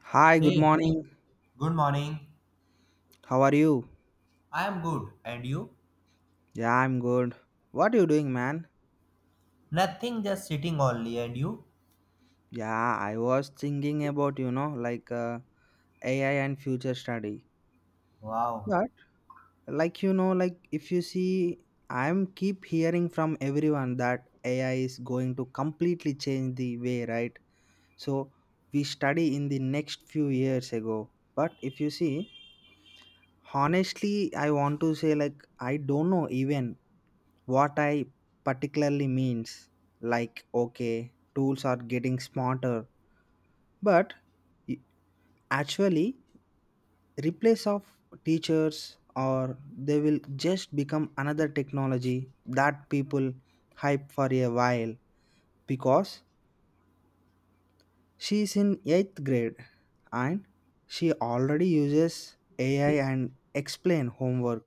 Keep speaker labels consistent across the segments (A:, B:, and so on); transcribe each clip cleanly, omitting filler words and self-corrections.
A: Hi, good
B: Hey,
A: morning.
B: good morning.
A: How are you?
B: I am good. And you?
A: Yeah, I'm good. What are you doing, man?
B: Nothing, just sitting only. And you?
A: Yeah, I was thinking about, like AI and future study.
B: Wow.
A: But like like, if you see, I'm keep hearing from everyone that AI is going to completely change the way, right? So we study in the next few years ago. But if you see, honestly, I want to say, like, I don't know even what I particularly means. Like, okay, tools are getting smarter, but i- actually replace of teachers, or they will just become another technology that people hype for a while because she is in 8th grade, and she already uses ai and explain homework,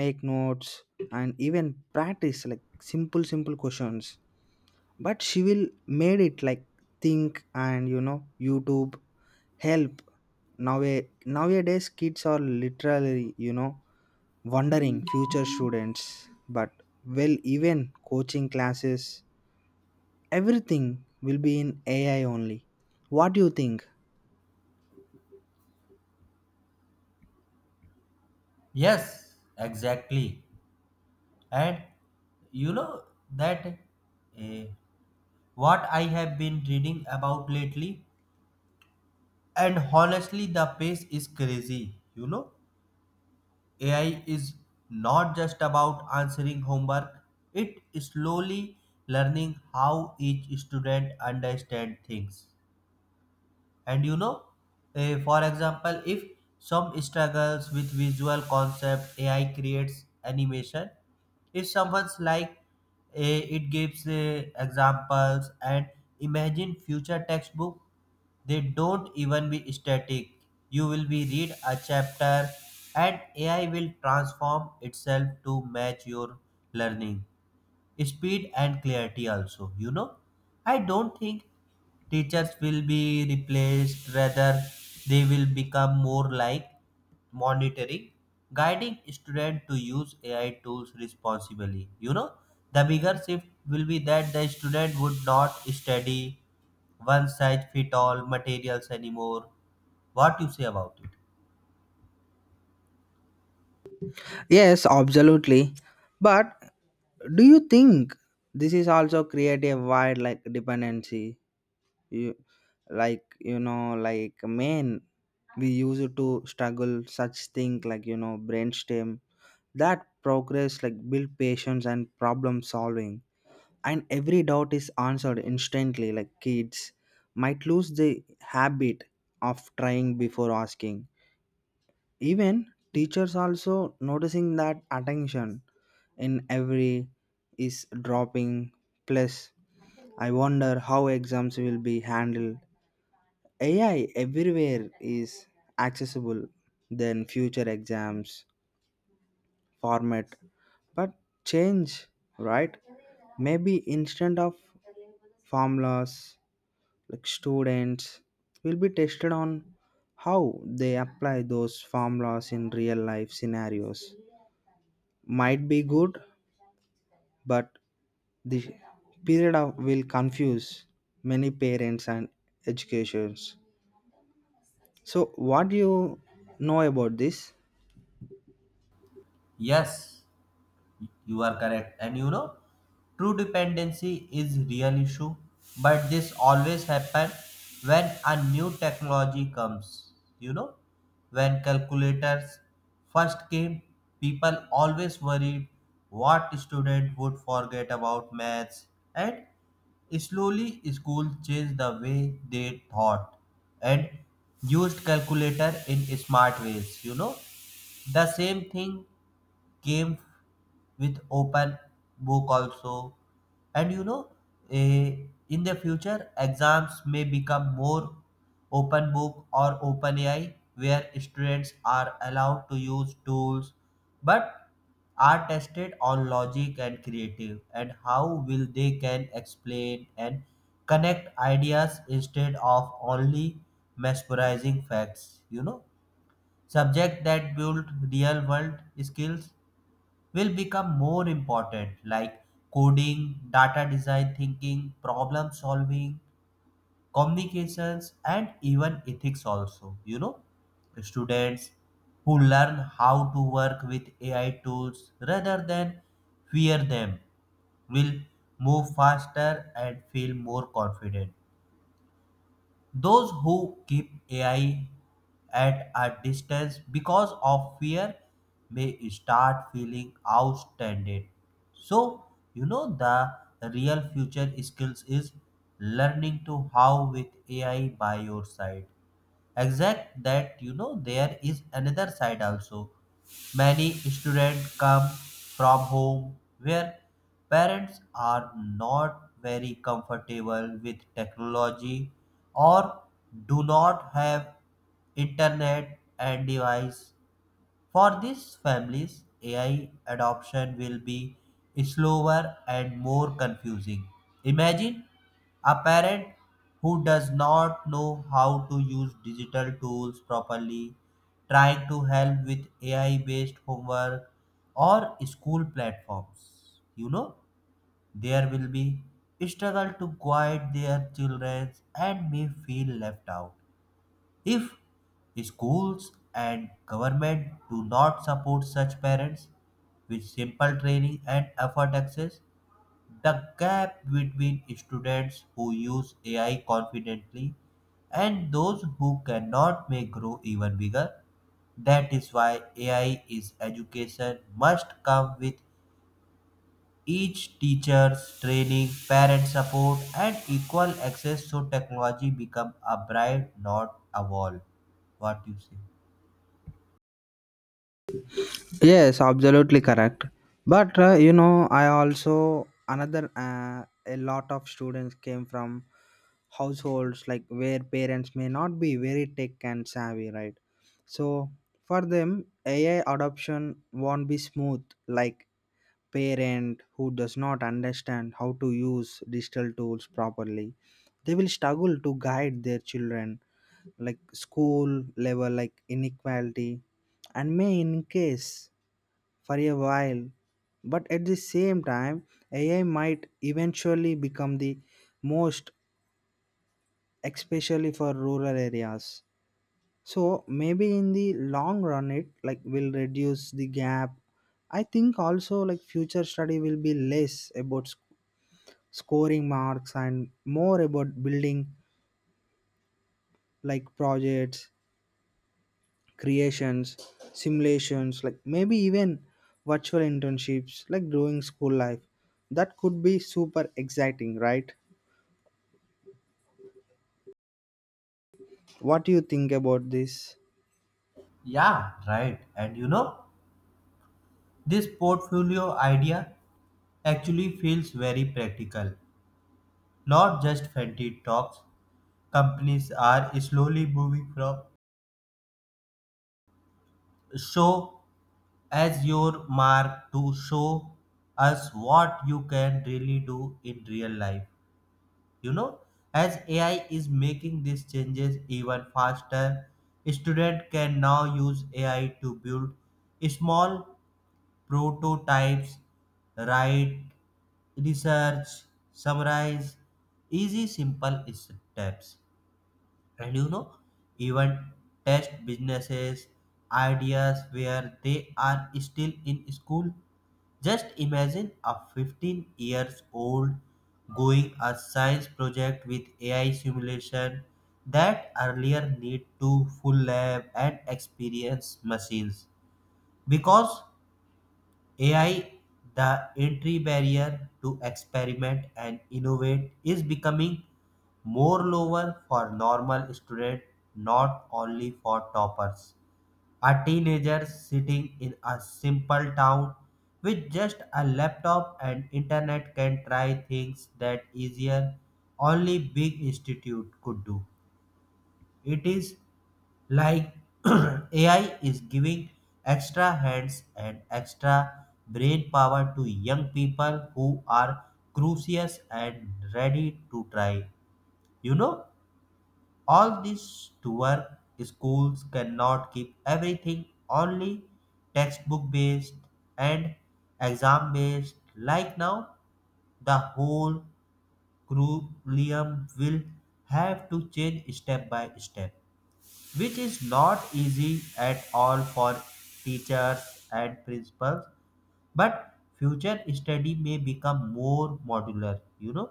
A: make notes, and even practice like simple questions. But she will made it like think, and youtube help now. Nowadays kids are literally, wondering future students. But, well, even coaching classes, everything will be in ai only. What do you think?
B: Yes, exactly. And you know that eh, what I have been reading about lately? And honestly, the pace is crazy. You know, AI is not just about answering homework, it is slowly learning how each student understands things. And you know, for example, if some struggles with visual concept, ai creates animation. If someone's like, it gives examples. And imagine future textbook, they don't even be static. You will be read a chapter and ai will transform itself to match your learning speed and clarity also. You know, I don't think teachers will be replaced, rather they will become more like monitoring, guiding students to use ai tools responsibly. You know, the bigger shift will be that the student would not study one size fit all materials anymore. What you say about it?
A: Yes, absolutely. But do you think this is also create a wide like dependency you, like like men, we used to struggle such thing, like brainstem, that progress like build patience and problem solving, and every doubt is answered instantly, like kids might lose the habit of trying before asking. Even teachers also noticing that attention in every is dropping. Plus, I wonder how exams will be handled. AI everywhere is accessible than future exams format, but change, right? Maybe instead of formulas, like students will be tested on how they apply those formulas in real life scenarios. Might be good, but the period of will confuse many parents and educations. So, what do you know about this?
B: Yes. You are correct. And you know, true dependency is real issue, but this always happen when a new technology comes. You know, when calculators first came, people always worried what student would forget about maths. And slowly, school changed the way they thought and used calculator in smart ways. You know, the same thing came with open book also. And you know, eh, in the future exams may become more open book or open ai, where students are allowed to use tools but are tested on logic and creative and how will they can explain and connect ideas instead of only mesmerizing facts. You know, subject that build real world skills will become more important, like coding, data design thinking, problem solving, communications, and even ethics, also. You know, students who learn how to work with AI tools rather than fear them will move faster and feel more confident. Those who keep AI at a distance because of fear may start feeling outstanded. So, you know, the real future skills is learning to how with AI by your side. Exact that, you know, there is another side also. Many students come from home where parents are not very comfortable with technology or do not have internet and device. For these families, AI adoption will be slower and more confusing. Imagine a parent who does not know how to use digital tools properly, trying to help with AI based homework or school platforms. You know, there will be struggle to guide their children and may feel left out. If schools and government do not support such parents with simple training and effort access, the gap between students who use AI confidently and those who cannot may grow even bigger. That is why AI is education must come with each teachers, training, parent support, and equal access, so technology become a bride, not a wall. What you say?
A: Yes, absolutely correct. But you know, I also another a lot of students came from households like where parents may not be very tech and savvy, right? So for them, AI adoption won't be smooth. Like parent who does not understand how to use digital tools properly, they will struggle to guide their children. Like school level, like inequality, and may in case for a while, but at the same time ai might eventually become the most, especially for rural areas. So maybe in the long run, it like will reduce the gap. I think also like future study will be less about scoring marks and more about building like projects, creations, simulations, like maybe even virtual internships, like during school life. That could be super exciting, right? What do you think about this?
B: Yeah, right. And you know, this portfolio idea actually feels very practical, not just fancy talks. Companies are slowly moving from show as your mark to show us what you can really do in real life. You know, as ai is making these changes even faster, student can now use ai to build small prototypes, write research, summarize easy simple steps. And you know, even test businesses ideas where they are still in school. Just imagine a 15 years old going a science project with AI simulation, that earlier need to full lab and experience machines. Because AI, the entry barrier to experiment and innovate is becoming more lower for normal student, not only for toppers. A teenager sitting in a simple town with just a laptop and internet can try things that easier only big institute could do. It is like AI is giving extra hands and extra brain power to young people who are curious and ready to try. You know? All this to work, schools cannot keep everything only textbook based and exam based. Like now, the whole curriculum will have to change step by step, which is not easy at all for teachers and principals. But future study may become more modular, you know.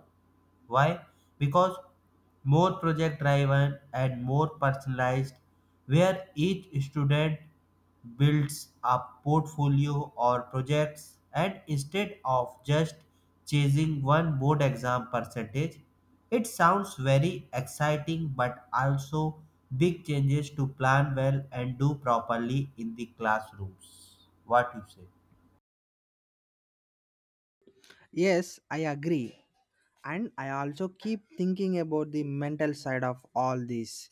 B: Why? Because more project driven and more personalized, where each student builds a portfolio or projects, and instead of just chasing one board exam percentage. It sounds very exciting, but also big changes to plan well and do properly in the classrooms. What you say?
A: Yes, I agree. And I also keep thinking about the mental side of all this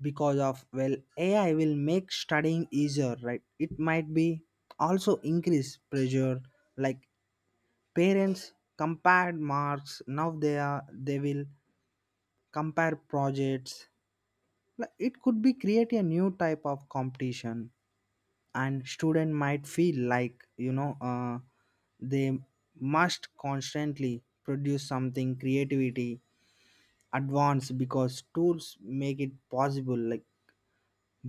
A: because of, well, AI will make studying easier, right? It might be also increase pressure, like parents compared marks. Now they will compare projects. Like, it could be create a new type of competition, and student might feel like they must constantly produce something creativity advanced because tools make it possible, like.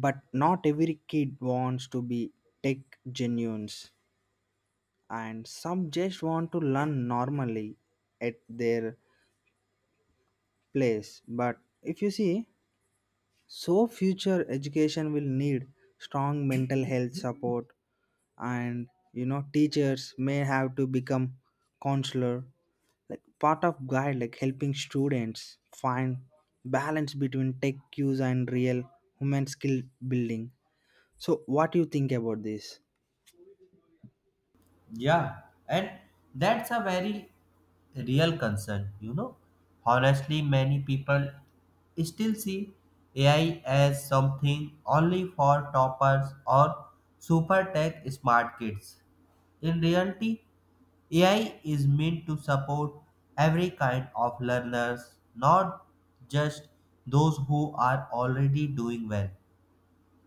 A: But not every kid wants to be tech genuines, and some just want to learn normally at their place. But if you see, so future education will need strong mental health support, and you know, teachers may have to become counselor, like part of guide, like helping students find balance between tech use and real human skill building. So, what do you think about this?
B: Yeah, and that's a very real concern, you know. Honestly, many people still see AI as something only for toppers or super tech smart kids. In reality, AI is meant to support every kind of learners, not just those who are already doing well.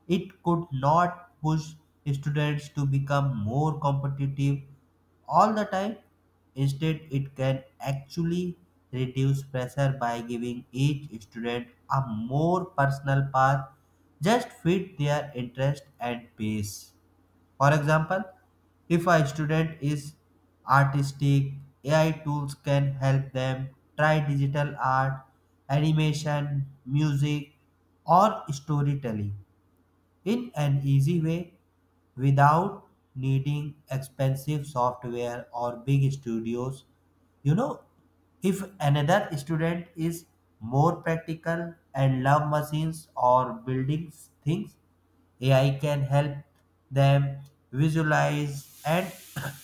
B: It could not push students to become more competitive all the time. Instead, it can actually reduce pressure by giving each student a more personal path just fit their interest and pace. For example, if a student is artistic, AI tools can help them try digital art, animation, music, or storytelling in an easy way without needing expensive software or big studios. You know, if another student is more practical and love machines or building things, AI can help them visualize and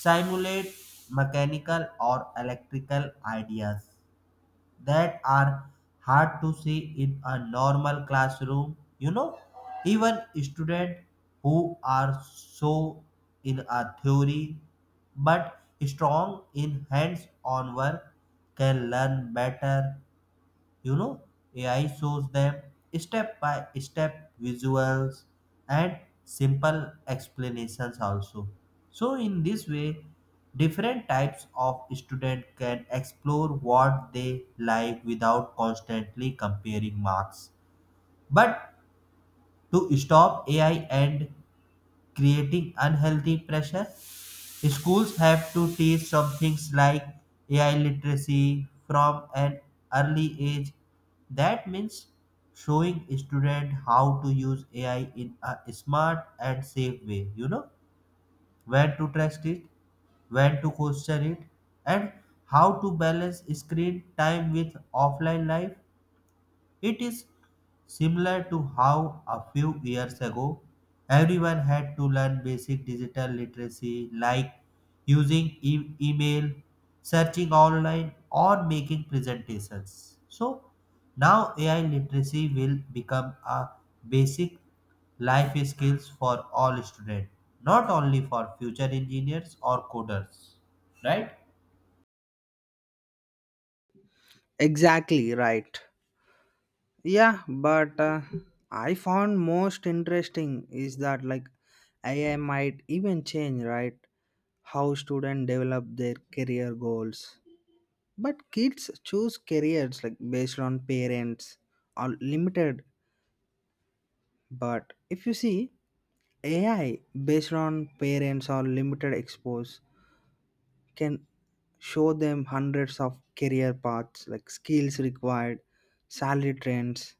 B: simulate mechanical or electrical ideas that are hard to see in a normal classroom. You know, even students who are so in a theory but strong in hands on work can learn better. You know, ai shows them step by step visuals and simple explanations also. So in this way, different types of student can explore what they like without constantly comparing marks. But to stop ai and creating unhealthy pressure, schools have to teach some things like AI literacy from an early age. That means showing student how to use AI in a smart and safe way, you know, when to trust it, when to question it, and how to balance screen time with offline life. It is similar to how a few years ago everyone had to learn basic digital literacy like using email, searching online, or making presentations. So now AI literacy will become a basic life skills for all students, not only for future engineers or coders, right?
A: Exactly right. Yeah, but I found most interesting is that like AI might even change, right? How students develop their career goals. But kids choose careers like based on parents are limited. But if you see, AI based on parents or limited expose, can show them hundreds of career paths, like skills required, salary trends,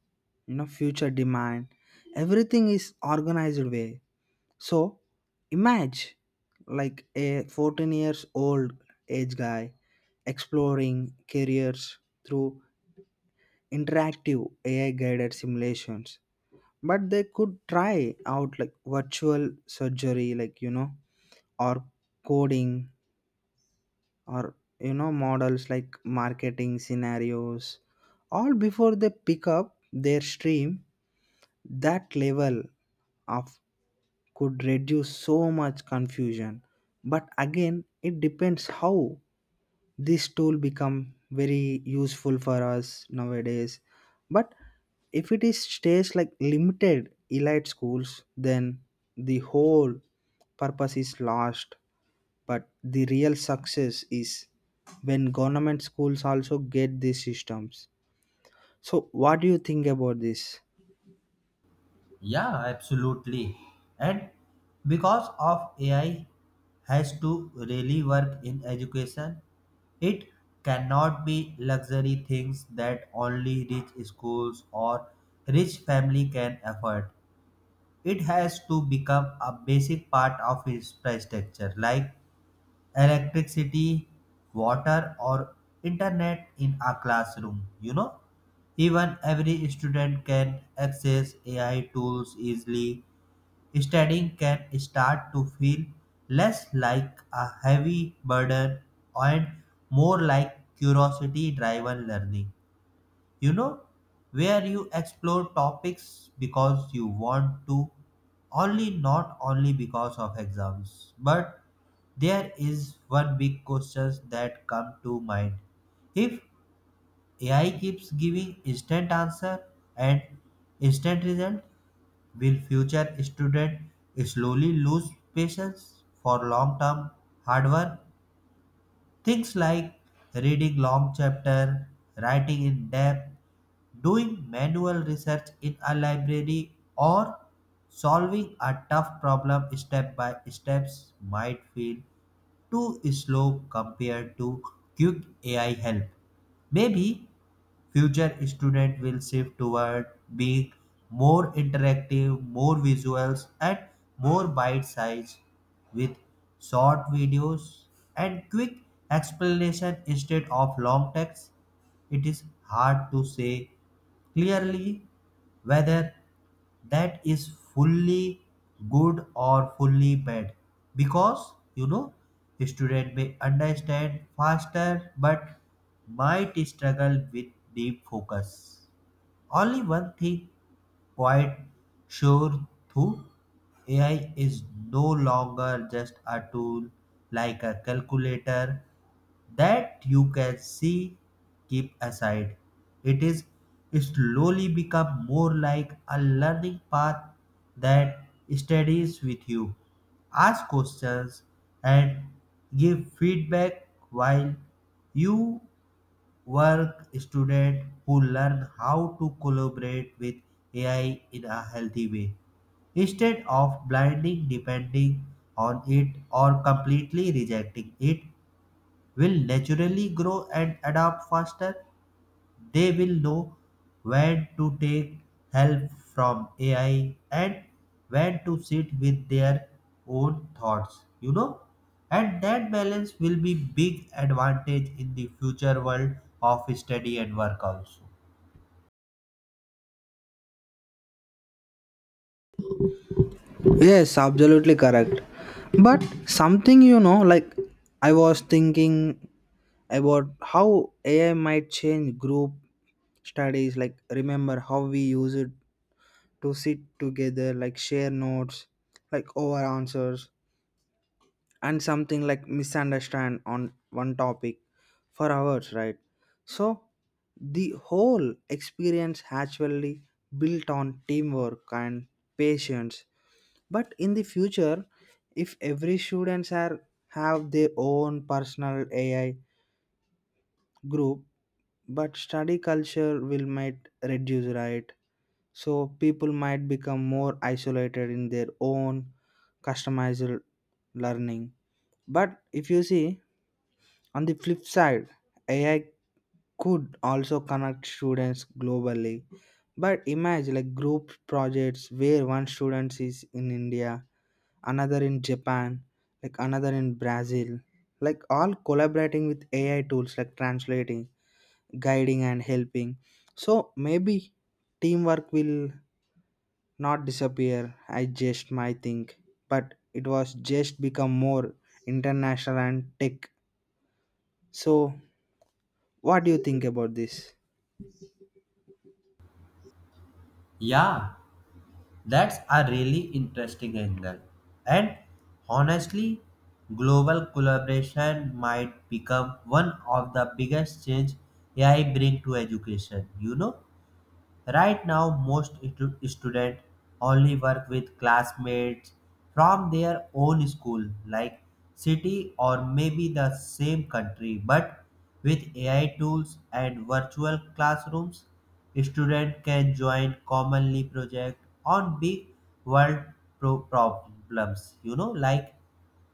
A: you know, future demand, everything is organized way. So imagine like a 14 years old age guy exploring careers through interactive ai guided simulations. But they could try out like virtual surgery, like you know, or coding, or you know, models like marketing scenarios, all before they pick up their stream. That level of could reduce so much confusion. But again, it depends how this tool become very useful for us nowadays. But if it is stays like limited elite schools, then the whole purpose is lost. But the real success is when government schools also get these systems. So what do you think about this?
B: Yeah, absolutely. And because of AI has to really work in education, it cannot be luxury things that only rich schools or rich family can afford. It has to become a basic part of infrastructure like electricity, water, or internet in a classroom. You know, even every student can access AI tools easily. Studying can start to feel less like a heavy burden and more like curiosity driven learning. You know, where you explore topics because you want to, only not only because of exams. But there is one big question that come to mind. If AI keeps giving instant answer and instant result, will future student slowly lose patience for long-term hard work? Things like reading long chapter, writing in depth, doing manual research in a library, or solving a tough problem step by steps might feel too slow compared to quick AI help. Maybe future student will shift toward being more interactive, more visuals, and more bite sized, with short videos and quick explanation instead of long text. It is hard to say clearly whether that is fully good or fully bad, because, you know, student may understand faster but might struggle with deep focus. Only one thing quite sure, through ai is no longer just a tool like a calculator that you can see keep aside. It is slowly become more like a learning path that studies with you, ask questions and give feedback while you work. Student who learn how to collaborate with AI in a healthy way instead of blindly depending on it or completely rejecting it will naturally grow and adapt faster. They will know when to take help from AI and when to sit with their own thoughts, you know. And that balance will be big advantage in the future world of study and work also.
A: Yes, absolutely correct. But something, you know, like, I was thinking about how ai might change group studies, like remember how we use it to sit together, like share notes, like over answers, and something like misunderstand on one topic for hours, right? So the whole experience actually built on teamwork and patience. But in the future, if every students are have their own personal ai group, but study culture will might reduce, right? So people might become more isolated in their own customized learning. But if you see, on the flip side, AI could also connect students globally. But imagine like group projects where one student is in India, another in Japan, like another in Brazil, like all collaborating with AI tools like translating, guiding, and helping. So maybe teamwork will not disappear, I just might think, but it was just become more international and tech. So what do you think about this?
B: Yeah, that's a really interesting angle. And honestly, global collaboration might become one of the biggest change AI bring to education. You know, right now, most students only work with classmates from their own school, like city or maybe the same country. But with AI tools and virtual classrooms, students can join commonly project on big world problems. You know, like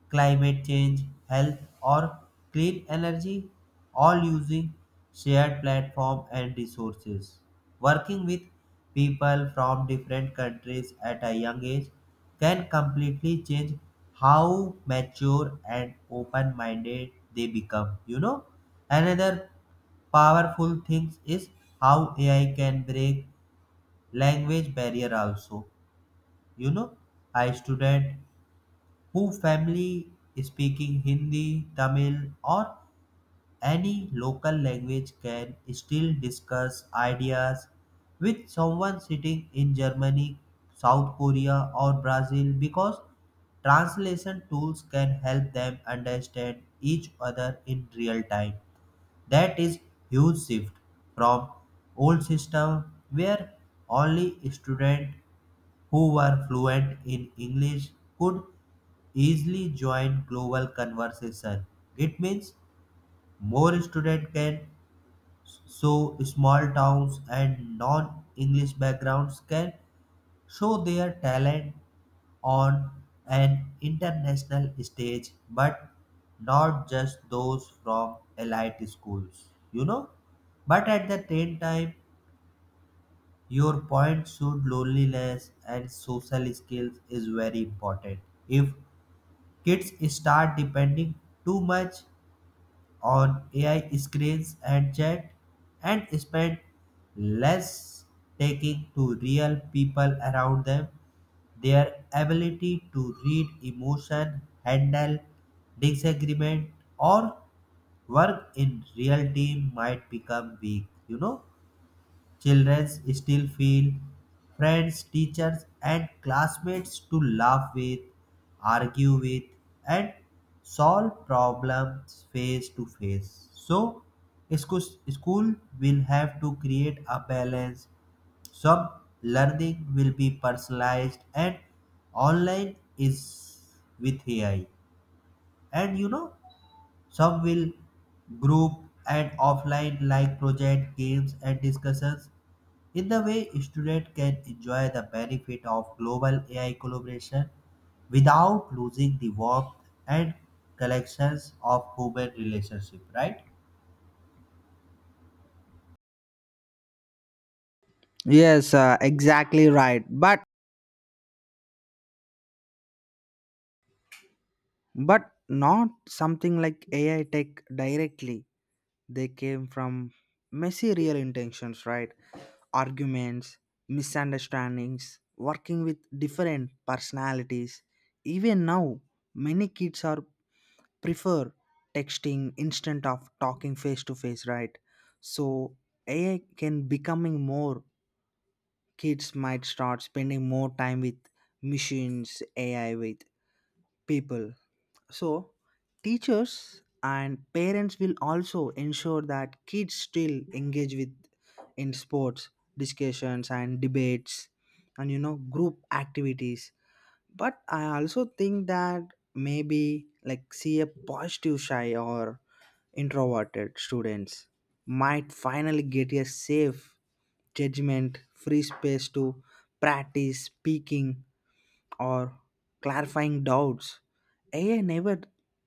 B: climate change, health, or clean energy, all using shared platform and resources. Working with people from different countries at a young age can completely change how mature and open-minded they become. You know, another powerful thing is how AI can break language barrier also. You know, a student who family speaking Hindi, Tamil, or any local language can still discuss ideas with someone sitting in Germany, South Korea, or Brazil, because translation tools can help them understand each other in real time. That is huge shift from old system where only students who were fluent in English could easily join global conversation. It means more students can, so small towns and non-English backgrounds can show their talent on an international stage, but not just those from elite schools, you know. But at the same time, your point should loneliness and social skills is very important. If kids start depending too much on AI screens and chat and spend less taking to real people around them. Their ability to read emotion, handle disagreement, or work in real team might become weak, you know. Children still feel friends, teachers, and classmates to laugh with, argue with, and solve problems face to face. So, scho- school will have to create a balance. Some learning will be personalized, and online is with AI. And you know, some will group and offline like project games and discussions in the way, students can enjoy the benefit of global AI collaboration without losing the warmth and collections of human relationship, right?
A: Yes, exactly right. But not something like AI tech directly. They came from messy real intentions, right? Arguments, misunderstandings, working with different personalities. Even now, many kids are prefer texting instead of talking face to face, right? So AI can becoming more, kids might start spending more time with machines, AI with people. So, teachers and parents will also ensure that kids still engage with in sports, discussions and debates, and you know, group activities. But I also think that maybe like see a positive shy or introverted students might finally get a safe judgment free space to practice speaking or clarifying doubts. AI never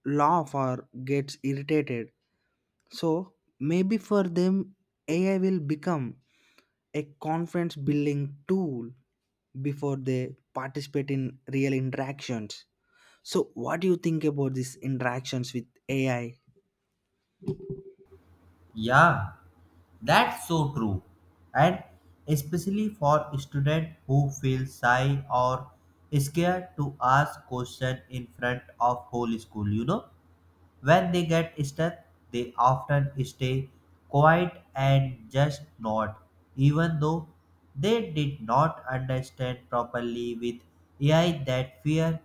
A: laugh or gets irritated. So maybe for them AI will become a confidence building tool before they participate in real interactions. So what do you think about these interactions with AI?
B: Yeah, that's so true. And especially for students who feel shy or scared to ask question in front of whole school, you know? When they get stuck, they often stay quiet and just nod, even though they did not understand properly with AI that fear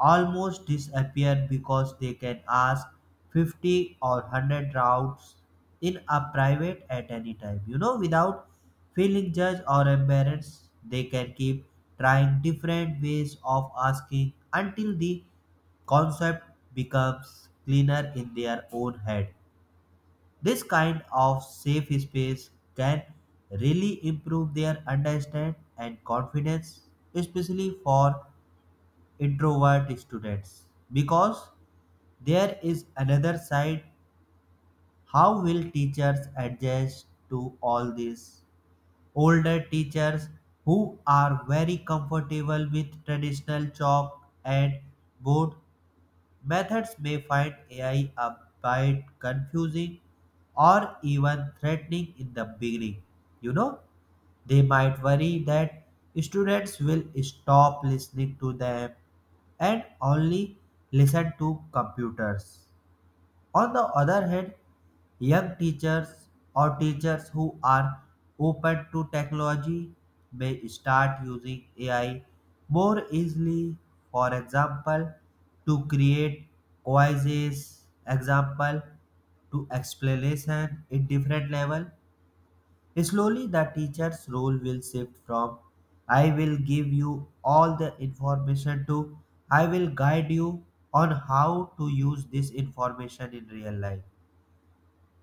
B: almost disappears because they can ask 50 or 100 routes in a private at any time, you know, without feeling judged or embarrassed. They can keep trying different ways of asking until the concept becomes cleaner in their own head. This kind of safe space can really improve their understanding and confidence, especially for introvert students, because there is another side. How will teachers adjust to all this? Older teachers who are very comfortable with traditional chalk and board methods may find AI a bit confusing or even threatening in the beginning. You know, they might worry that students will stop listening to them and only listen to computers. On the other hand, young teachers or teachers who are open to technology may start using AI more easily, for example, to create quizzes, example to explanation in different level. Slowly the teacher's role will shift from I will give you all the information to I will guide you on how to use this information in real life.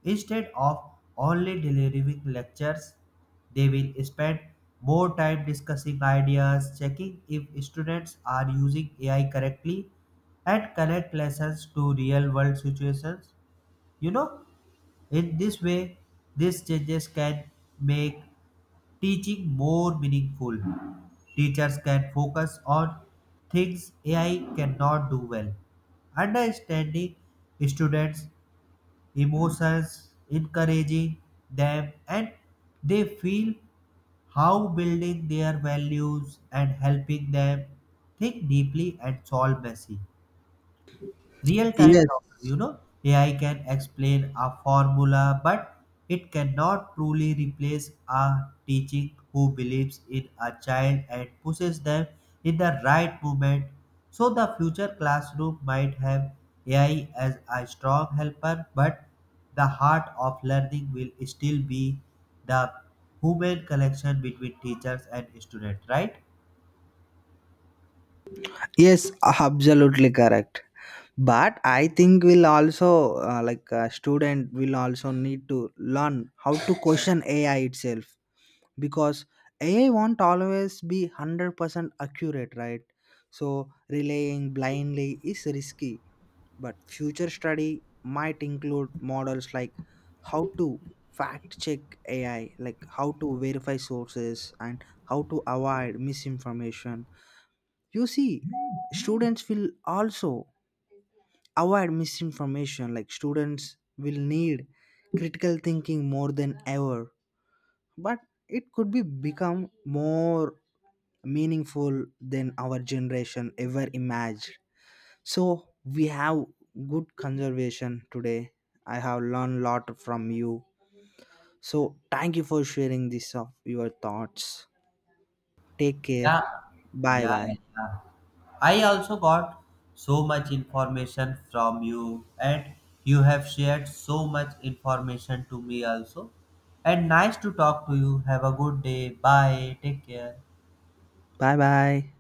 B: Instead of only delivering lectures, they will spend more time discussing ideas, checking if students are using AI correctly, and connect lessons to real world situations. You know, in this way, these changes can make teaching more meaningful. Teachers can focus on things AI cannot do well. Understanding students emotions, encouraging them, and they feel how building their values and helping them think deeply and solve messy real time
A: Yes,
B: problem, you know. AI can explain a formula, but it cannot truly replace a teaching who believes in a child and pushes them in the right moment. So the future classroom might have AI as a strong helper, but the heart of learning will still be the human connection between teachers and students, right?
A: yes, absolutely correct. But I think we'll also like, a student will also need to learn how to question AI itself because AI won't always be 100% accurate, right? So, relying blindly is risky, but future study might include models like how to fact check AI, like how to verify sources and how to avoid misinformation. You see, students will also avoid misinformation, like, students will need critical thinking more than ever. But it could be become more meaningful than our generation ever imagined. So we have good conservation today. I have learned a lot from you. So thank you for sharing this of your thoughts. Take care.
B: Yeah.
A: Bye
B: Yeah.
A: bye.
B: Yeah, I also got so much information from you, and you have shared so much information to me also. And nice to talk to you. Have a good day. Bye. Take care.
A: Bye bye.